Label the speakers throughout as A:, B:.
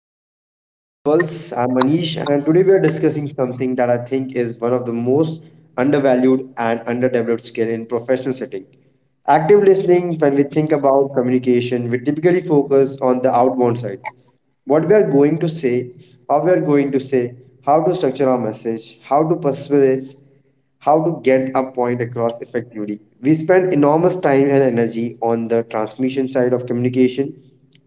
A: welcome to the Professional Pulse. I'm Manish, and today we are discussing something that I think is one of the most undervalued and underdeveloped skill in professional setting. Active listening. When we think about communication, we typically focus on the outbound side, what we are going to say, how we are going to say, how to structure our message, how to persuade, how to get a point across effectively. We spend enormous time and energy on the transmission side of communication,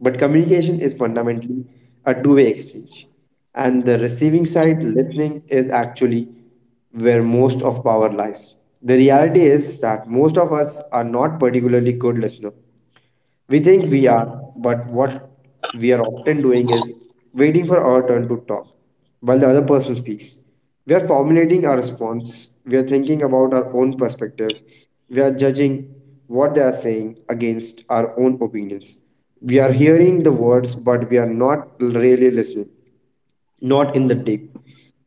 A: but communication is fundamentally a two-way exchange. And the receiving side, listening, is actually where most of power lies. The reality is that most of us are not particularly good listeners. We think we are, but what we are often doing is waiting for our turn to talk while the other person speaks. We are formulating our response, we are thinking about our own perspective, we are judging what they are saying against our own opinions. We are hearing the words, but we are not really listening, not in the deep,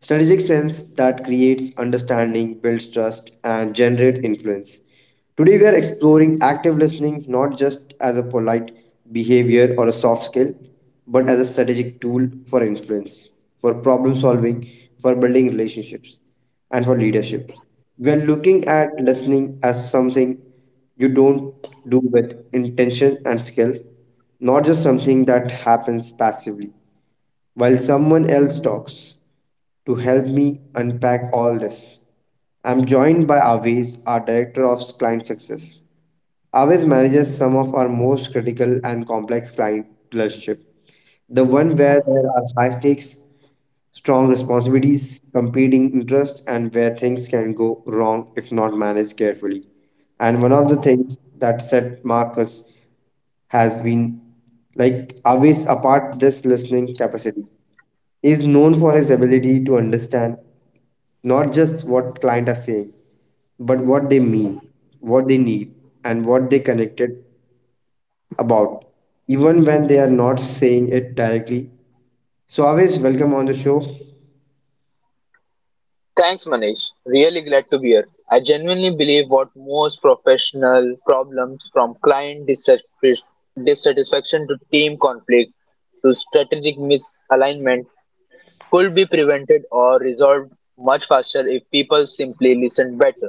A: strategic sense that creates understanding, builds trust, and generates influence. Today, we are exploring active listening not just as a polite behavior or a soft skill, but as a strategic tool for influence, for problem solving, for building relationships, and for leadership. We are looking at listening as something you don't do with intention and skill, not just something that happens passively while someone else talks. To help me unpack all this, I'm joined by Aviz, our Director of Client Success. Aviz manages some of our most critical and complex client relationship, the one where there are high stakes, strong responsibilities, competing interests, and where things can go wrong if not managed carefully. And one of the things that set Marcus has been, like always, apart, this listening capacity. He is known for his ability to understand not just what client are saying, but what they mean, what they need, and what they connected about, even when they are not saying it directly. So always, welcome on the show.
B: Thanks, Manish. Really glad to be here. I genuinely believe what most professional problems from dissatisfaction to team conflict to strategic misalignment could be prevented or resolved much faster if people simply listen better.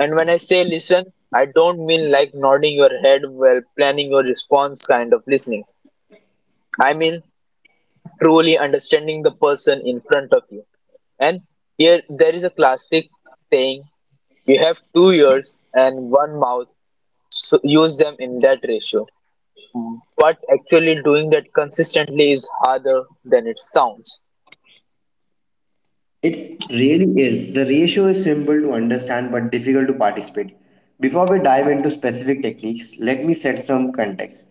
B: And when I say listen, I don't mean like nodding your head while planning your response kind of listening. I mean truly understanding the person in front of you. And here there is a classic saying you have two ears and one mouth, so use them in that ratio. But actually doing that consistently is harder than it sounds.
A: It really is. The ratio is simple to understand but difficult to participate. Before we dive into specific techniques, let me set some context.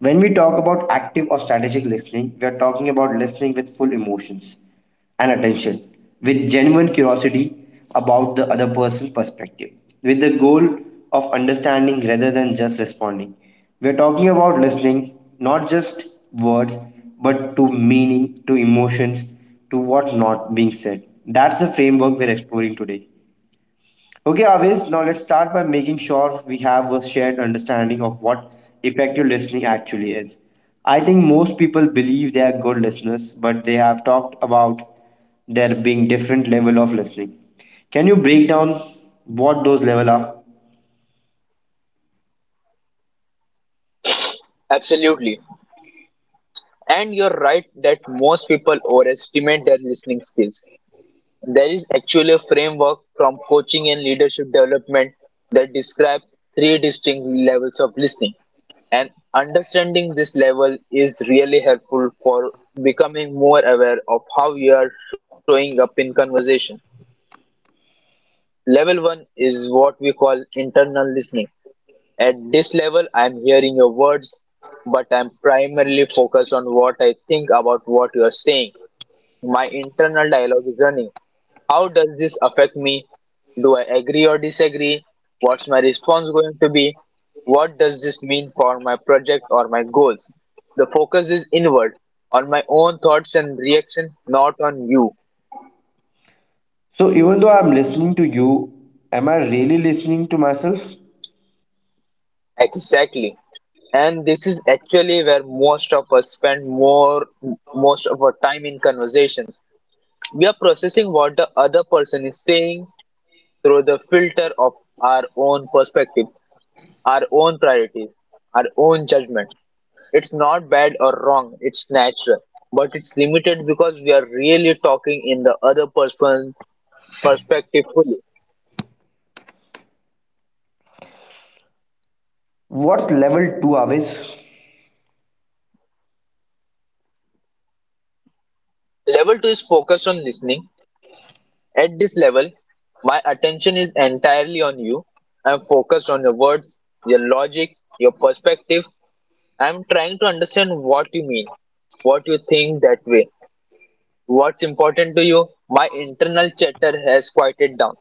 A: When we talk about active or strategic listening, we are talking about listening with full emotions and attention, with genuine curiosity about the other person's perspective, with the goal of understanding rather than just responding. We're talking about listening, not just words, but to meaning, to emotions, to what not being said. That's the framework we're exploring today. Okay, Avis, now let's start by making sure we have a shared understanding of what effective listening actually is. I think most people believe they are good listeners, but they have talked about there being different level of listening. Can you break down what those level are?
B: Absolutely. And you're right that most people overestimate their listening skills. There is actually a framework from coaching and leadership development that describes three distinct levels of listening. And understanding this level is really helpful for becoming more aware of how you are showing up in conversation. Level one is what we call internal listening. At this level, I'm hearing your words, but I'm primarily focused on what I think about what you're saying. My internal dialogue is running. How does this affect me? Do I agree or disagree? What's my response going to be? What does this mean for my project or my goals? The focus is inward on my own thoughts and reaction, not on you.
A: So even though I'm listening to you, am I really listening to myself?
B: Exactly. And this is actually where most of us spend more most of our time in conversations. We are processing what the other person is saying through the filter of our own perspective, our own priorities, our own judgment. It's not bad or wrong, it's natural, but it's limited because we are really talking in the other person's perspective fully.
A: What's level 2, Avis?
B: Level 2 is focused on listening. At this level, my attention is entirely on you. I'm focused on your words, your logic, your perspective. I'm trying to understand what you mean, what you think that way, what's important to you. My internal chatter has quieted down,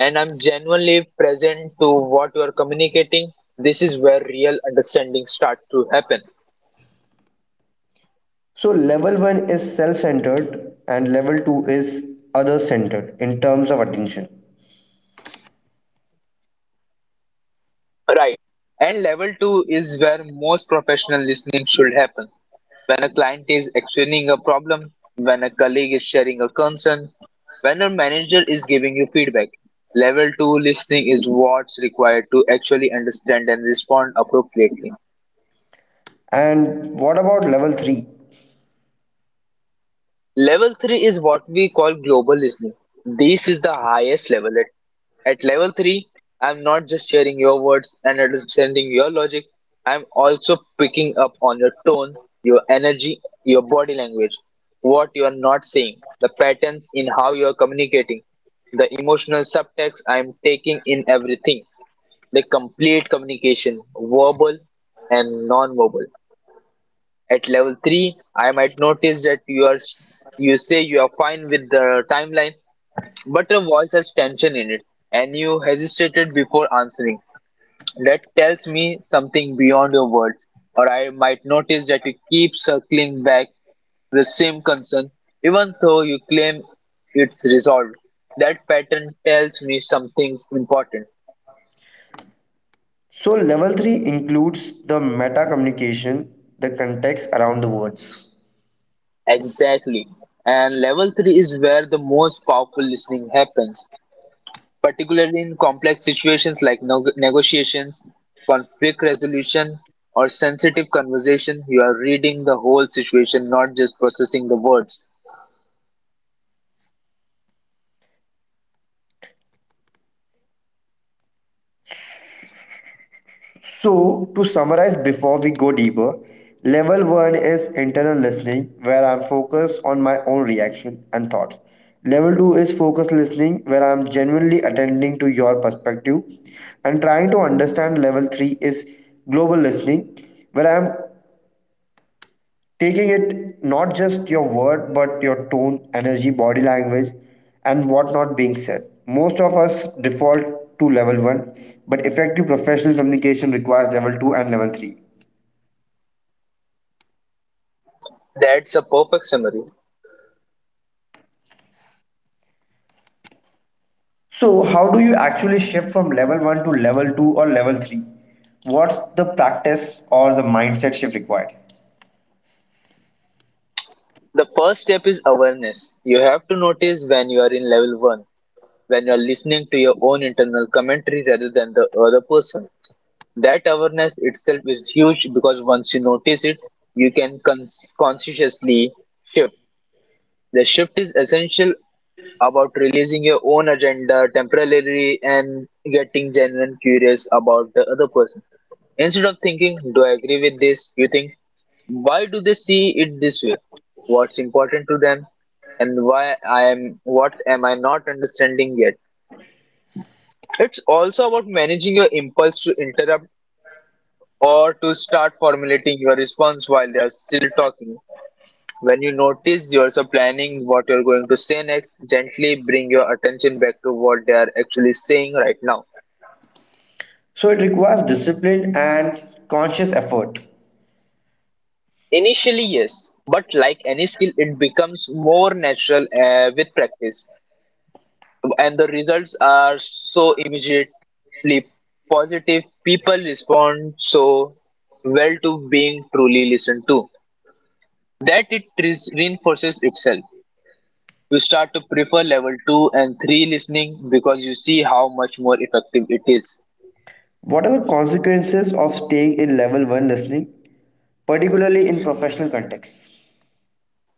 B: and I'm genuinely present to what you are communicating. This is where real understanding starts to happen.
A: So level 1 is self-centered and level 2 is other-centered in terms of attention.
B: Right. And level two is where most professional listening should happen. When a client is explaining a problem, when a colleague is sharing a concern, when a manager is giving you feedback. Level two listening is what's required to actually understand and respond appropriately.
A: And what about level 3?
B: Level 3 is what we call global listening. This is the highest level. At level 3, I'm not just hearing your words and understanding your logic, I'm also picking up on your tone, your energy, your body language, what you are not saying, the patterns in how you are communicating, the emotional subtext. I'm taking in everything, the complete communication, verbal and non-verbal. At level 3, I might notice that you say you are fine with the timeline, but your voice has tension in it and you hesitated before answering. That tells me something beyond your words. Or I might notice that you keep circling back the same concern, even though you claim it's resolved. That pattern tells me something's important.
A: So, level 3 includes the meta communication, the context around the words.
B: Exactly. And level 3 is where the most powerful listening happens. Particularly in complex situations like negotiations, conflict resolution, or sensitive conversation, you are reading the whole situation, not just processing the words.
A: So, to summarize before we go deeper, level 1 is internal listening, where I'm focused on my own reaction and thought. Level 2 is focused listening, where I'm genuinely attending to your perspective. And trying to understand, level 3 is global listening, where I'm taking it not just your word but your tone, energy, body language, and what not being said. Most of us default to level 1, but effective professional communication requires level 2 and level 3.
B: That's a perfect summary.
A: So how do you actually shift from level 1 to level 2 or level 3? What's the practice or the mindset shift required?
B: The first step is awareness. You have to notice when you are in level 1, when you are listening to your own internal commentary rather than the other person. That awareness itself is huge because once you notice it, you can consciously shift. The shift is essential about releasing your own agenda temporarily and getting genuine curious about the other person. Instead of thinking, do I agree with this? You think, why do they see it this way? What's important to them? And why I am what am I not understanding yet? It's also about managing your impulse to interrupt or to start formulating your response while they are still talking. When you notice yourself planning what you're going to say next, gently bring your attention back to what they are actually saying right now.
A: So it requires discipline and conscious effort.
B: Initially, yes, but like any skill, it becomes more natural with practice, and the results are so immediately positive. People respond so well to being truly listened to that it reinforces itself. You start to prefer level 2 and 3 listening because you see how much more effective it is.
A: What are the consequences of staying in level 1 listening, particularly in professional contexts?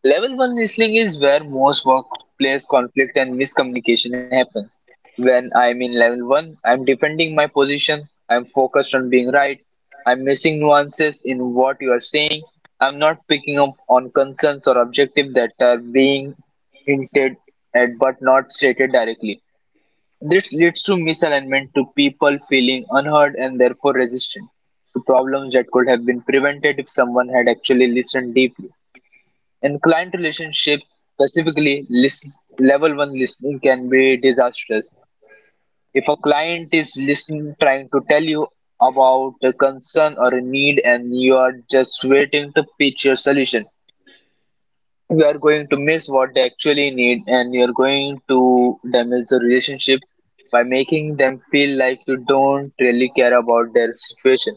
B: Level 1 listening is where most workplace conflict and miscommunication happens. When I'm in level 1, I'm defending my position, I'm focused on being right, I'm missing nuances in what you are saying, I'm not picking up on concerns or objectives that are being hinted at but not stated directly. This leads to misalignment, to people feeling unheard and therefore resistant, to problems that could have been prevented if someone had actually listened deeply. In client relationships, specifically list, level one listening can be disastrous. If a client is listening, trying to tell you about a concern or a need, and you are just waiting to pitch your solution, you are going to miss what they actually need, and you are going to damage the relationship by making them feel like you don't really care about their situation.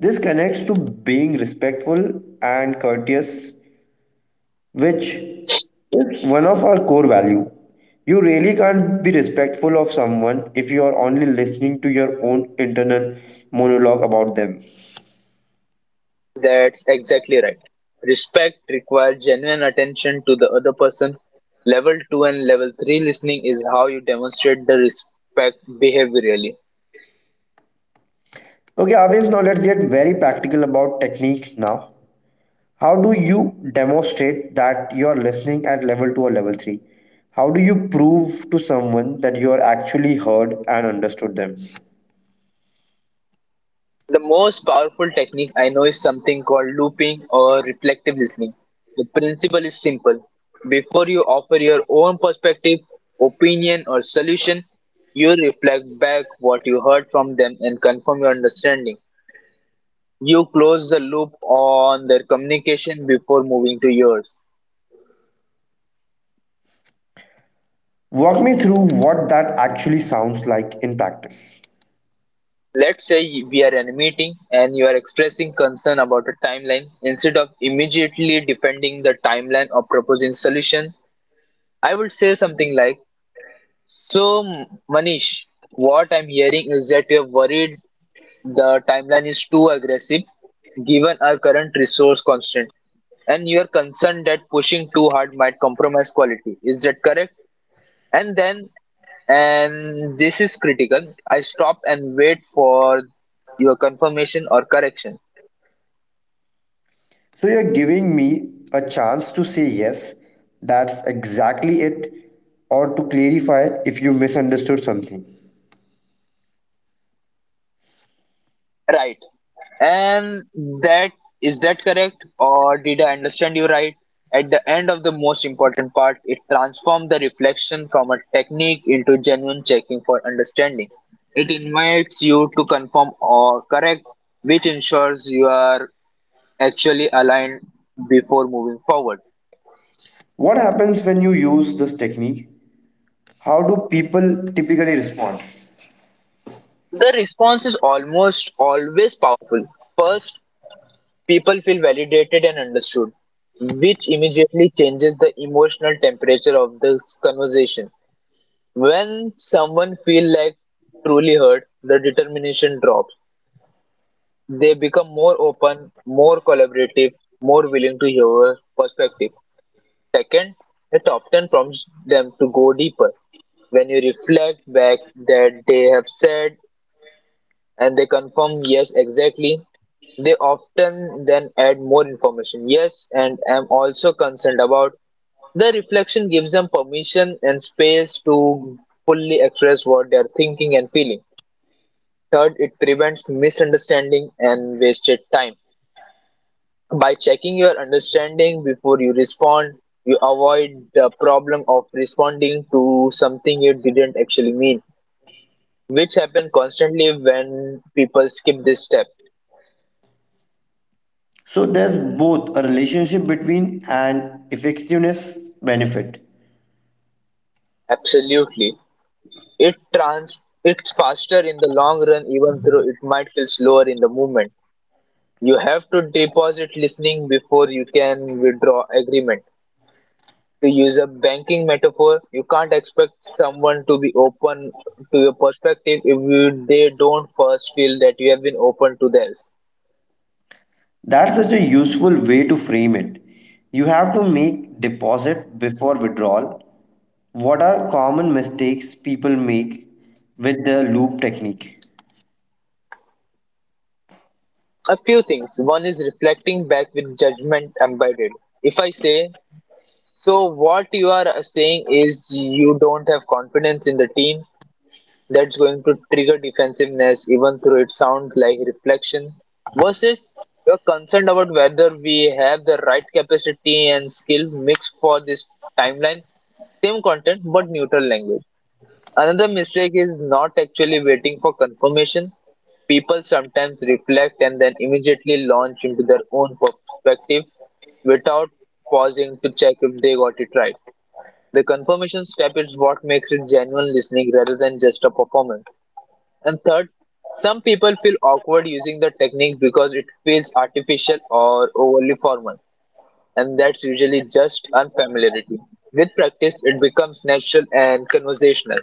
A: This connects to being respectful and courteous, which is one of our core value. You really can't be respectful of someone if you are only listening to your own internal monologue about them.
B: That's exactly right. Respect requires genuine attention to the other person. Level 2 and level 3 listening is how you demonstrate the respect behaviorally.
A: Okay, Avis, now let's get very practical about techniques now. How do you demonstrate that you are listening at level 2 or level 3? How do you prove to someone that you are actually heard and understood them?
B: The most powerful technique I know is something called looping or reflective listening. The principle is simple. Before you offer your own perspective, opinion, or solution, you reflect back what you heard from them and confirm your understanding. You close the loop on their communication before moving to yours.
A: Walk me through what that actually sounds like in practice.
B: Let's say we are in a meeting and you are expressing concern about a timeline. Instead of immediately defending the timeline or proposing solution, I would say something like, "So, Manish, what I'm hearing is that you're worried the timeline is too aggressive given our current resource constraint, and you are concerned that pushing too hard might compromise quality. Is that correct?" And then, and this is critical, I stop and wait for your confirmation or correction.
A: So, you're giving me a chance to say yes, that's exactly it, or to clarify if you misunderstood something.
B: Right. And that, is that correct or did I understand you right, at the end, of the most important part. It transformed the reflection from a technique into genuine checking for understanding. It invites you to confirm or correct, which ensures you are actually aligned before moving forward.
A: What happens when you use this technique? How do people typically respond?
B: The response is almost always powerful. First, people feel validated and understood, which immediately changes the emotional temperature of this conversation. When someone feels like truly heard, the determination drops. They become more open, more collaborative, more willing to hear a perspective. Second, it often prompts them to go deeper. When you reflect back that they have said and they confirm yes exactly, they often then add more information, yes and I'm also concerned about. The reflection gives them permission and space to fully express what they're thinking and feeling. Third, it prevents misunderstanding and wasted time. By checking your understanding before you respond, you avoid the problem of responding to something you didn't actually mean, which happen constantly when people skip this step.
A: So, there's both a relationship between an effectiveness benefit.
B: Absolutely. It's faster in the long run even though it might feel slower in the moment. You have to deposit listening before you can withdraw agreement. To use a banking metaphor, you can't expect someone to be open to your perspective if you, they don't first feel that you have been open to theirs.
A: That's such a useful way to frame it. You have to make deposit before withdrawal. What are common mistakes people make with the loop technique?
B: A few things. One is reflecting back with judgment embedded. If I say, so what you are saying is you don't have confidence in the team, that's going to trigger defensiveness even though it sounds like reflection. Versus you're concerned about whether we have the right capacity and skill mix for this timeline. Same content but neutral language. Another mistake is not actually waiting for confirmation. People sometimes reflect and then immediately launch into their own perspective without pausing to check if they got it right. The confirmation step is what makes it genuine listening rather than just a performance. And third, some people feel awkward using the technique because it feels artificial or overly formal, and that's usually just unfamiliarity. With practice, it becomes natural and conversational.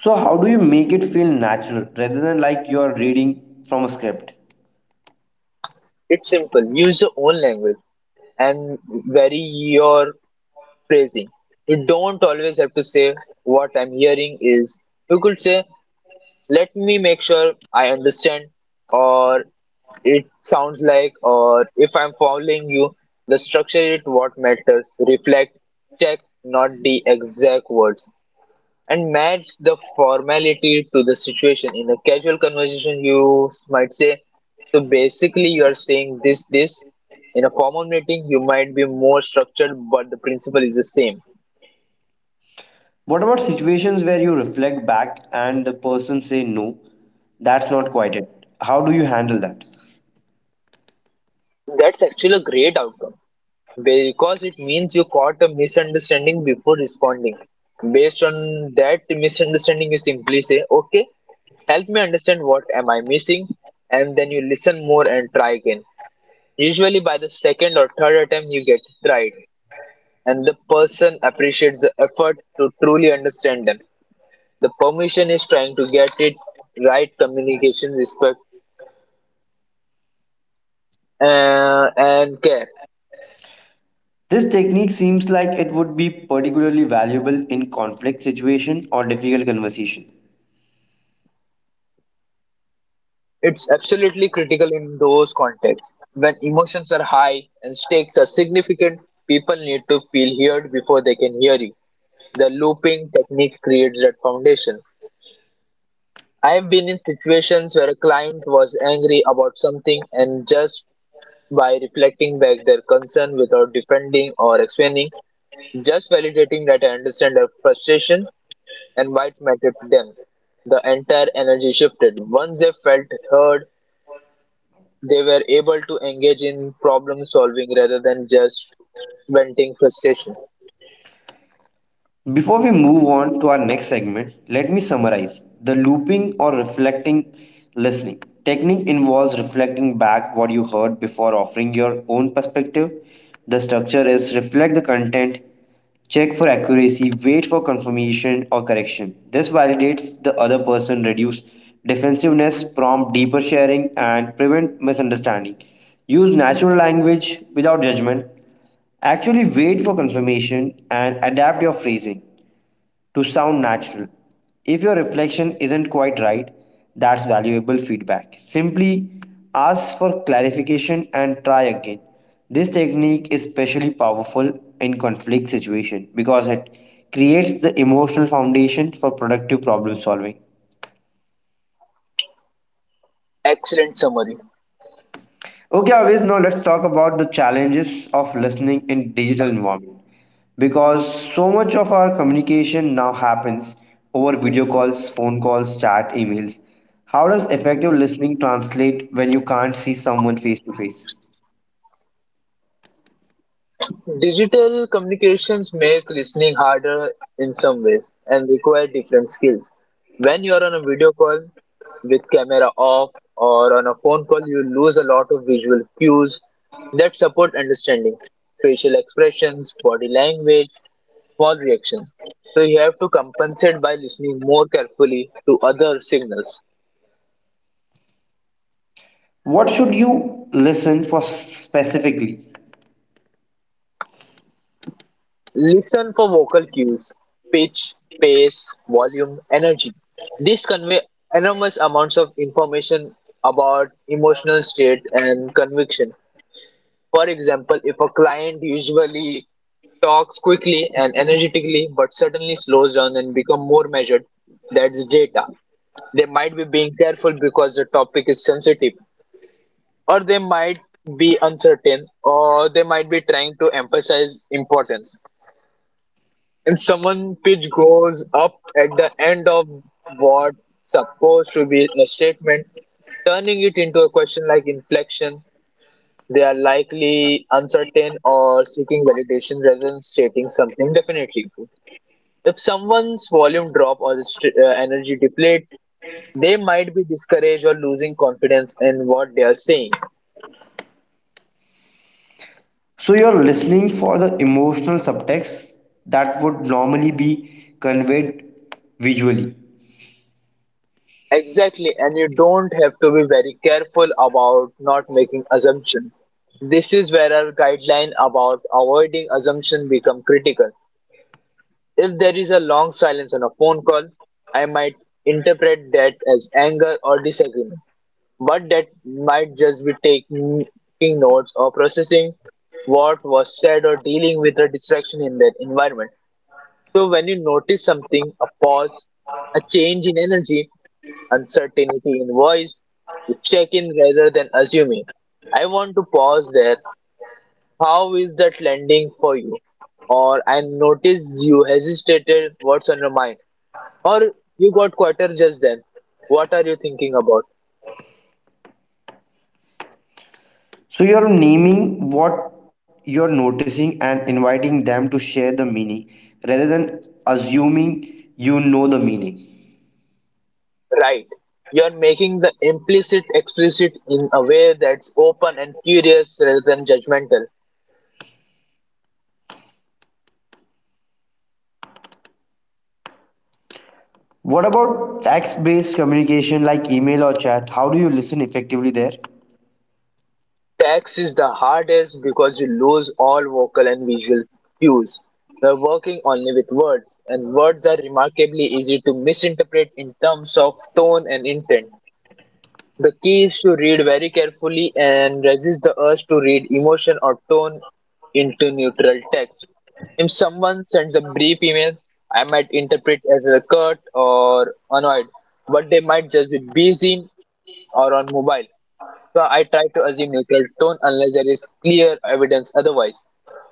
A: So, how do you make it feel natural rather than like you are reading from a script?
B: It's simple. Use your own language and vary your phrasing. You don't always have to say what I'm hearing is. You could say, let me make sure I understand, or it sounds like, if I'm following you. The structure is what matters. Reflect, check, not the exact words, and match the formality to the situation. In a casual conversation, you might say, so basically, you are saying this. In a formal meeting, you might be more structured, but the principle is the same.
A: What about situations where you reflect back and the person say no, that's not quite it. How do you handle that?
B: That's actually a great outcome. Because it means you caught a misunderstanding before responding. Based on that misunderstanding, you simply say, okay, help me understand, what am I missing, and then you listen more and try again. Usually, by the second or third attempt, you get it right, and the person appreciates the effort to truly understand them. The permission is trying to get it right communication, respect, and care.
A: This technique seems like it would be particularly valuable in conflict situation or difficult conversation.
B: It's absolutely critical in those contexts. When emotions are high and stakes are significant, people need to feel heard before they can hear you. The looping technique creates that foundation. I've been in situations where a client was angry about something and just by reflecting back their concern without defending or explaining, just validating that I understand their frustration and why it mattered to them. The entire energy shifted. Once they felt heard, they were able to engage in problem solving rather than just venting frustration.
A: Before we move on to our next segment, let me summarize. The looping or reflecting listening technique involves reflecting back what you heard before offering your own perspective. The structure is reflect the content, check for accuracy, wait for confirmation or correction. This validates the other person, reduce defensiveness, prompt deeper sharing, and prevent misunderstanding. Use natural language without judgment. Actually, wait for confirmation and adapt your phrasing to sound natural. If your reflection isn't quite right, that's valuable feedback. Simply ask for clarification and try again. This technique is especially powerful in conflict situation because it creates the emotional foundation for productive problem solving.
B: Excellent summary.
A: Okay, Avis, now let's talk about the challenges of listening in digital environment. Because so much of our communication now happens over video calls, phone calls, chat, emails. How does effective listening translate when you can't see someone face to face?
B: Digital communications make listening harder in some ways and require different skills. When you're on a video call with camera off or on a phone call, you lose a lot of visual cues that support understanding, facial expressions, body language, small reactions. So you have to compensate by listening more carefully to other signals.
A: What should you listen for specifically?
B: Listen for vocal cues, pitch, pace, volume, energy. These convey enormous amounts of information about emotional state and conviction. For example, if a client usually talks quickly and energetically but suddenly slows down and become more measured, that's data. They might be being careful because the topic is sensitive, or they might be uncertain, or they might be trying to emphasize importance. If someone pitch goes up at the end of what supposed to be a statement, turning it into a question like inflection. They are likely uncertain or seeking validation rather than stating something definitely true. If someone's volume drop or energy depletes, they might be discouraged or losing confidence in what they are saying.
A: So you're listening for the emotional subtext that would normally be conveyed visually.
B: Exactly, and you don't have to be very careful about not making assumptions. This is where our guideline about avoiding assumption become critical. If there is a long silence on a phone call, I might interpret that as anger or disagreement, but that might just be taking notes or processing what was said or dealing with a distraction in that environment. So when you notice something, a pause, a change in energy, uncertainty in voice, you check in rather than assuming. I want to pause there. How is that landing for you? Or I notice you hesitated. What's on your mind? Or you got quieter just then. What are you thinking about?
A: So you're naming what you're noticing and inviting them to share the meaning rather than assuming you know the meaning.
B: Right. You're making the implicit explicit in a way that's open and curious rather than judgmental.
A: What about text based communication like email or chat? How do you listen effectively there?
B: Text is the hardest because you lose all vocal and visual cues. We're working only with words, and words are remarkably easy to misinterpret in terms of tone and intent. The key is to read very carefully and resist the urge to read emotion or tone into neutral text. If someone sends a brief email, I might interpret as a curt or annoyed, but they might just be busy or on mobile. So I try to assume neutral tone unless there is clear evidence otherwise.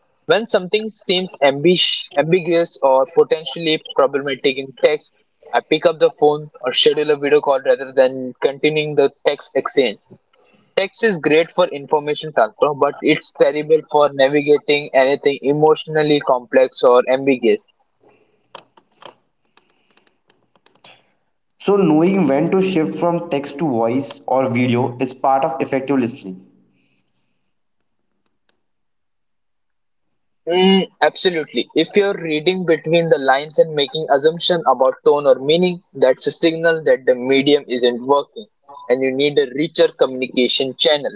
B: When something seems ambiguous or potentially problematic in text, I pick up the phone or schedule a video call rather than continuing the text exchange. Text is great for information transfer, but it's terrible for navigating anything emotionally complex or ambiguous.
A: So, knowing when to shift from text to voice or video is part of effective listening.
B: Mm, absolutely. If you're reading between the lines and making assumptions about tone or meaning, that's a signal that the medium isn't working and you need a richer communication channel.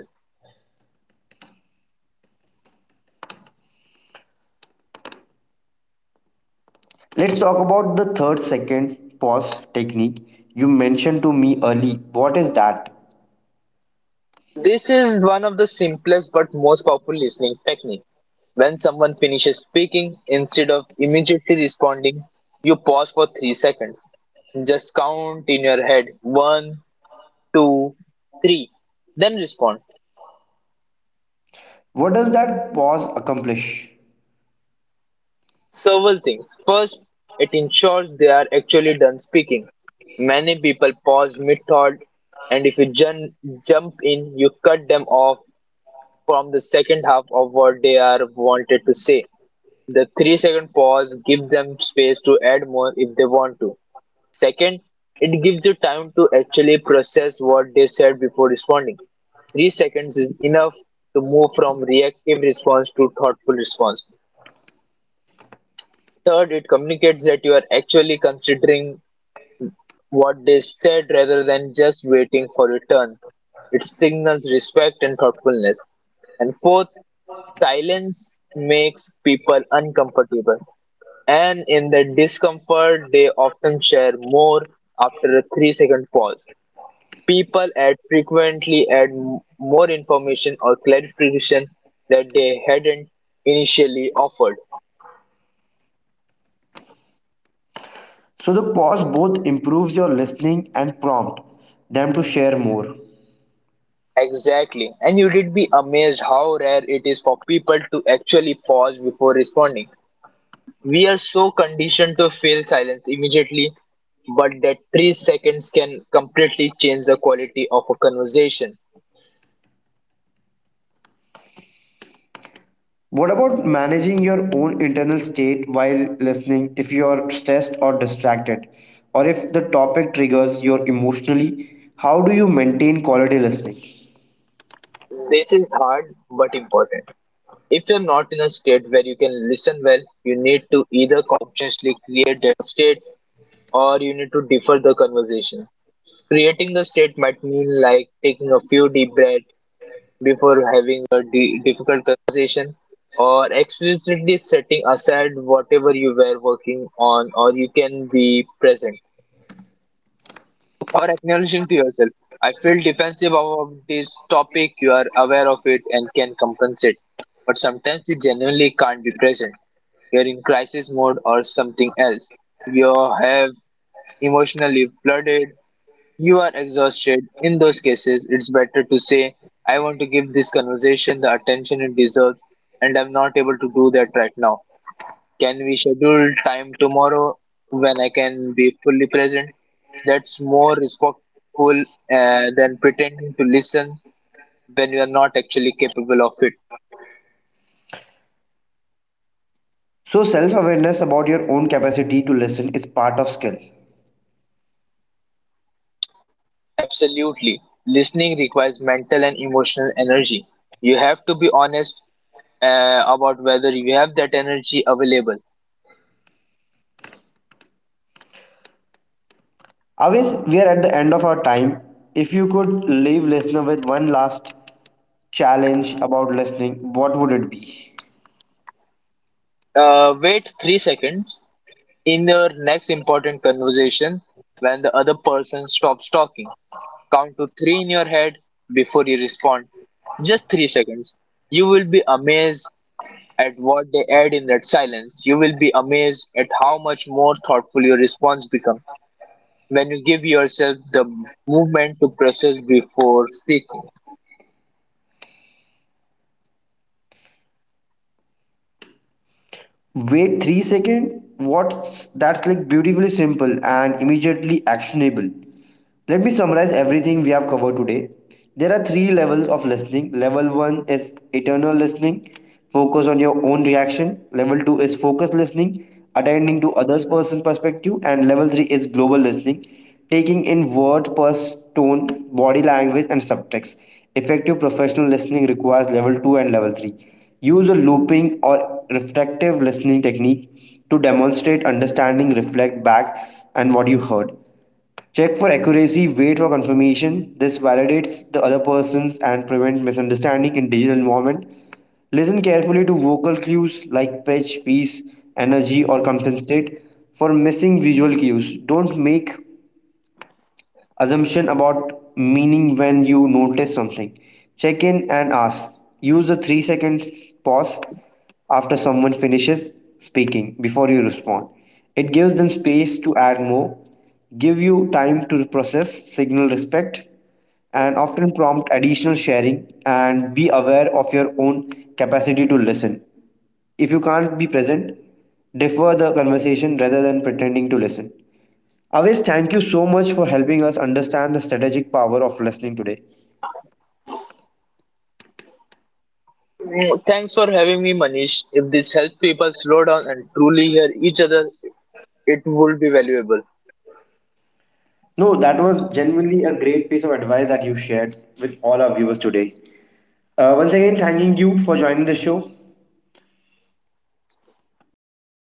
A: Let's talk about the third second pause technique you mentioned to me early. What is that?
B: This is one of the simplest but most powerful listening technique. When someone finishes speaking, instead of immediately responding, you pause for 3 seconds. Just count in your head one, two, three. Then respond.
A: What does that pause accomplish?
B: Several things. First, it ensures they are actually done speaking. Many people pause mid thought, and if you jump in, you cut them off from the second half of what they are wanted to say. The 3-second pause gives them space to add more if they want to. Second, it gives you time to actually process what they said before responding. 3 seconds is enough to move from reactive response to thoughtful response. Third, it communicates that you are actually considering what they said rather than just waiting for your turn. It signals respect and thoughtfulness. And fourth, silence makes people uncomfortable, and in the discomfort, they often share more after a 3-second pause. People add frequently add m- more information or clarification that they hadn't initially offered.
A: So the pause both improves your listening and prompt them to share more.
B: Exactly. And you did be amazed how rare it is for people to actually pause before responding. We are so conditioned to feel silence immediately, but that 3 seconds can completely change the quality of a conversation.
A: What about managing your own internal state while listening, if you are stressed or distracted or if the topic triggers your emotionally, how do you maintain quality listening?
B: This is hard but important. If you're not in a state where you can listen well, you need to either consciously create that state or you need to defer the conversation. Creating the state might mean like taking a few deep breaths before having a difficult conversation or explicitly setting aside whatever you were working on or you can be present or acknowledging to yourself, I feel defensive about this topic, you are aware of it and can compensate. But sometimes you genuinely can't be present. You're in crisis mode or something else. You have emotionally flooded. You are exhausted. In those cases, it's better to say, I want to give this conversation the attention it deserves, and I'm not able to do that right now. Can we schedule time tomorrow when I can be fully present? That's more respectful than pretending to listen when you are not actually capable of it.
A: So self-awareness about your own capacity to listen is part of skill.
B: Absolutely. Listening requires mental and emotional energy. You have to be honest about whether you have that energy available.
A: Always, we are at the end of our time. If you could leave listener with one last challenge about listening, what would it be?
B: Wait 3 seconds in your next important conversation when the other person stops talking. Count to three in your head before you respond. Just 3 seconds. You will be amazed at what they add in that silence. You will be amazed at how much more thoughtful your response becomes when you give yourself the movement to process before speaking.
A: Wait 3 seconds. What? That's like beautifully simple and immediately actionable. Let me summarize everything we have covered today. There are three levels of listening. Level 1 is eternal listening, focus on your own reaction. Level 2 is focused listening, attending to others' person's perspective. And level 3 is global listening, taking in word, pulse, tone, body language, and subtext. Effective professional listening requires level 2 and level 3. Use a looping or reflective listening technique to demonstrate understanding, reflect back, and what you heard. Check for accuracy, wait for confirmation. This validates the other person's and prevent misunderstanding in digital environment. Listen carefully to vocal cues like pitch, pace, energy, or compensate for missing visual cues. Don't make assumption about meaning. When you notice something, check in and ask. Use a 3 second pause after someone finishes speaking before you respond. It gives them space to add more, give you time to process, signal respect, and often prompt additional sharing. And be aware of your own capacity to listen. If you can't be present, defer the conversation rather than pretending to listen. Aves, thank you so much for helping us understand the strategic power of listening today.
B: Mm, thanks for having me, Manish. If this helps people slow down and truly hear each other, it would be valuable.
A: No, that was genuinely a great piece of advice that you shared with all our viewers today. Once again, thanking you for joining the show.
B: Thank you.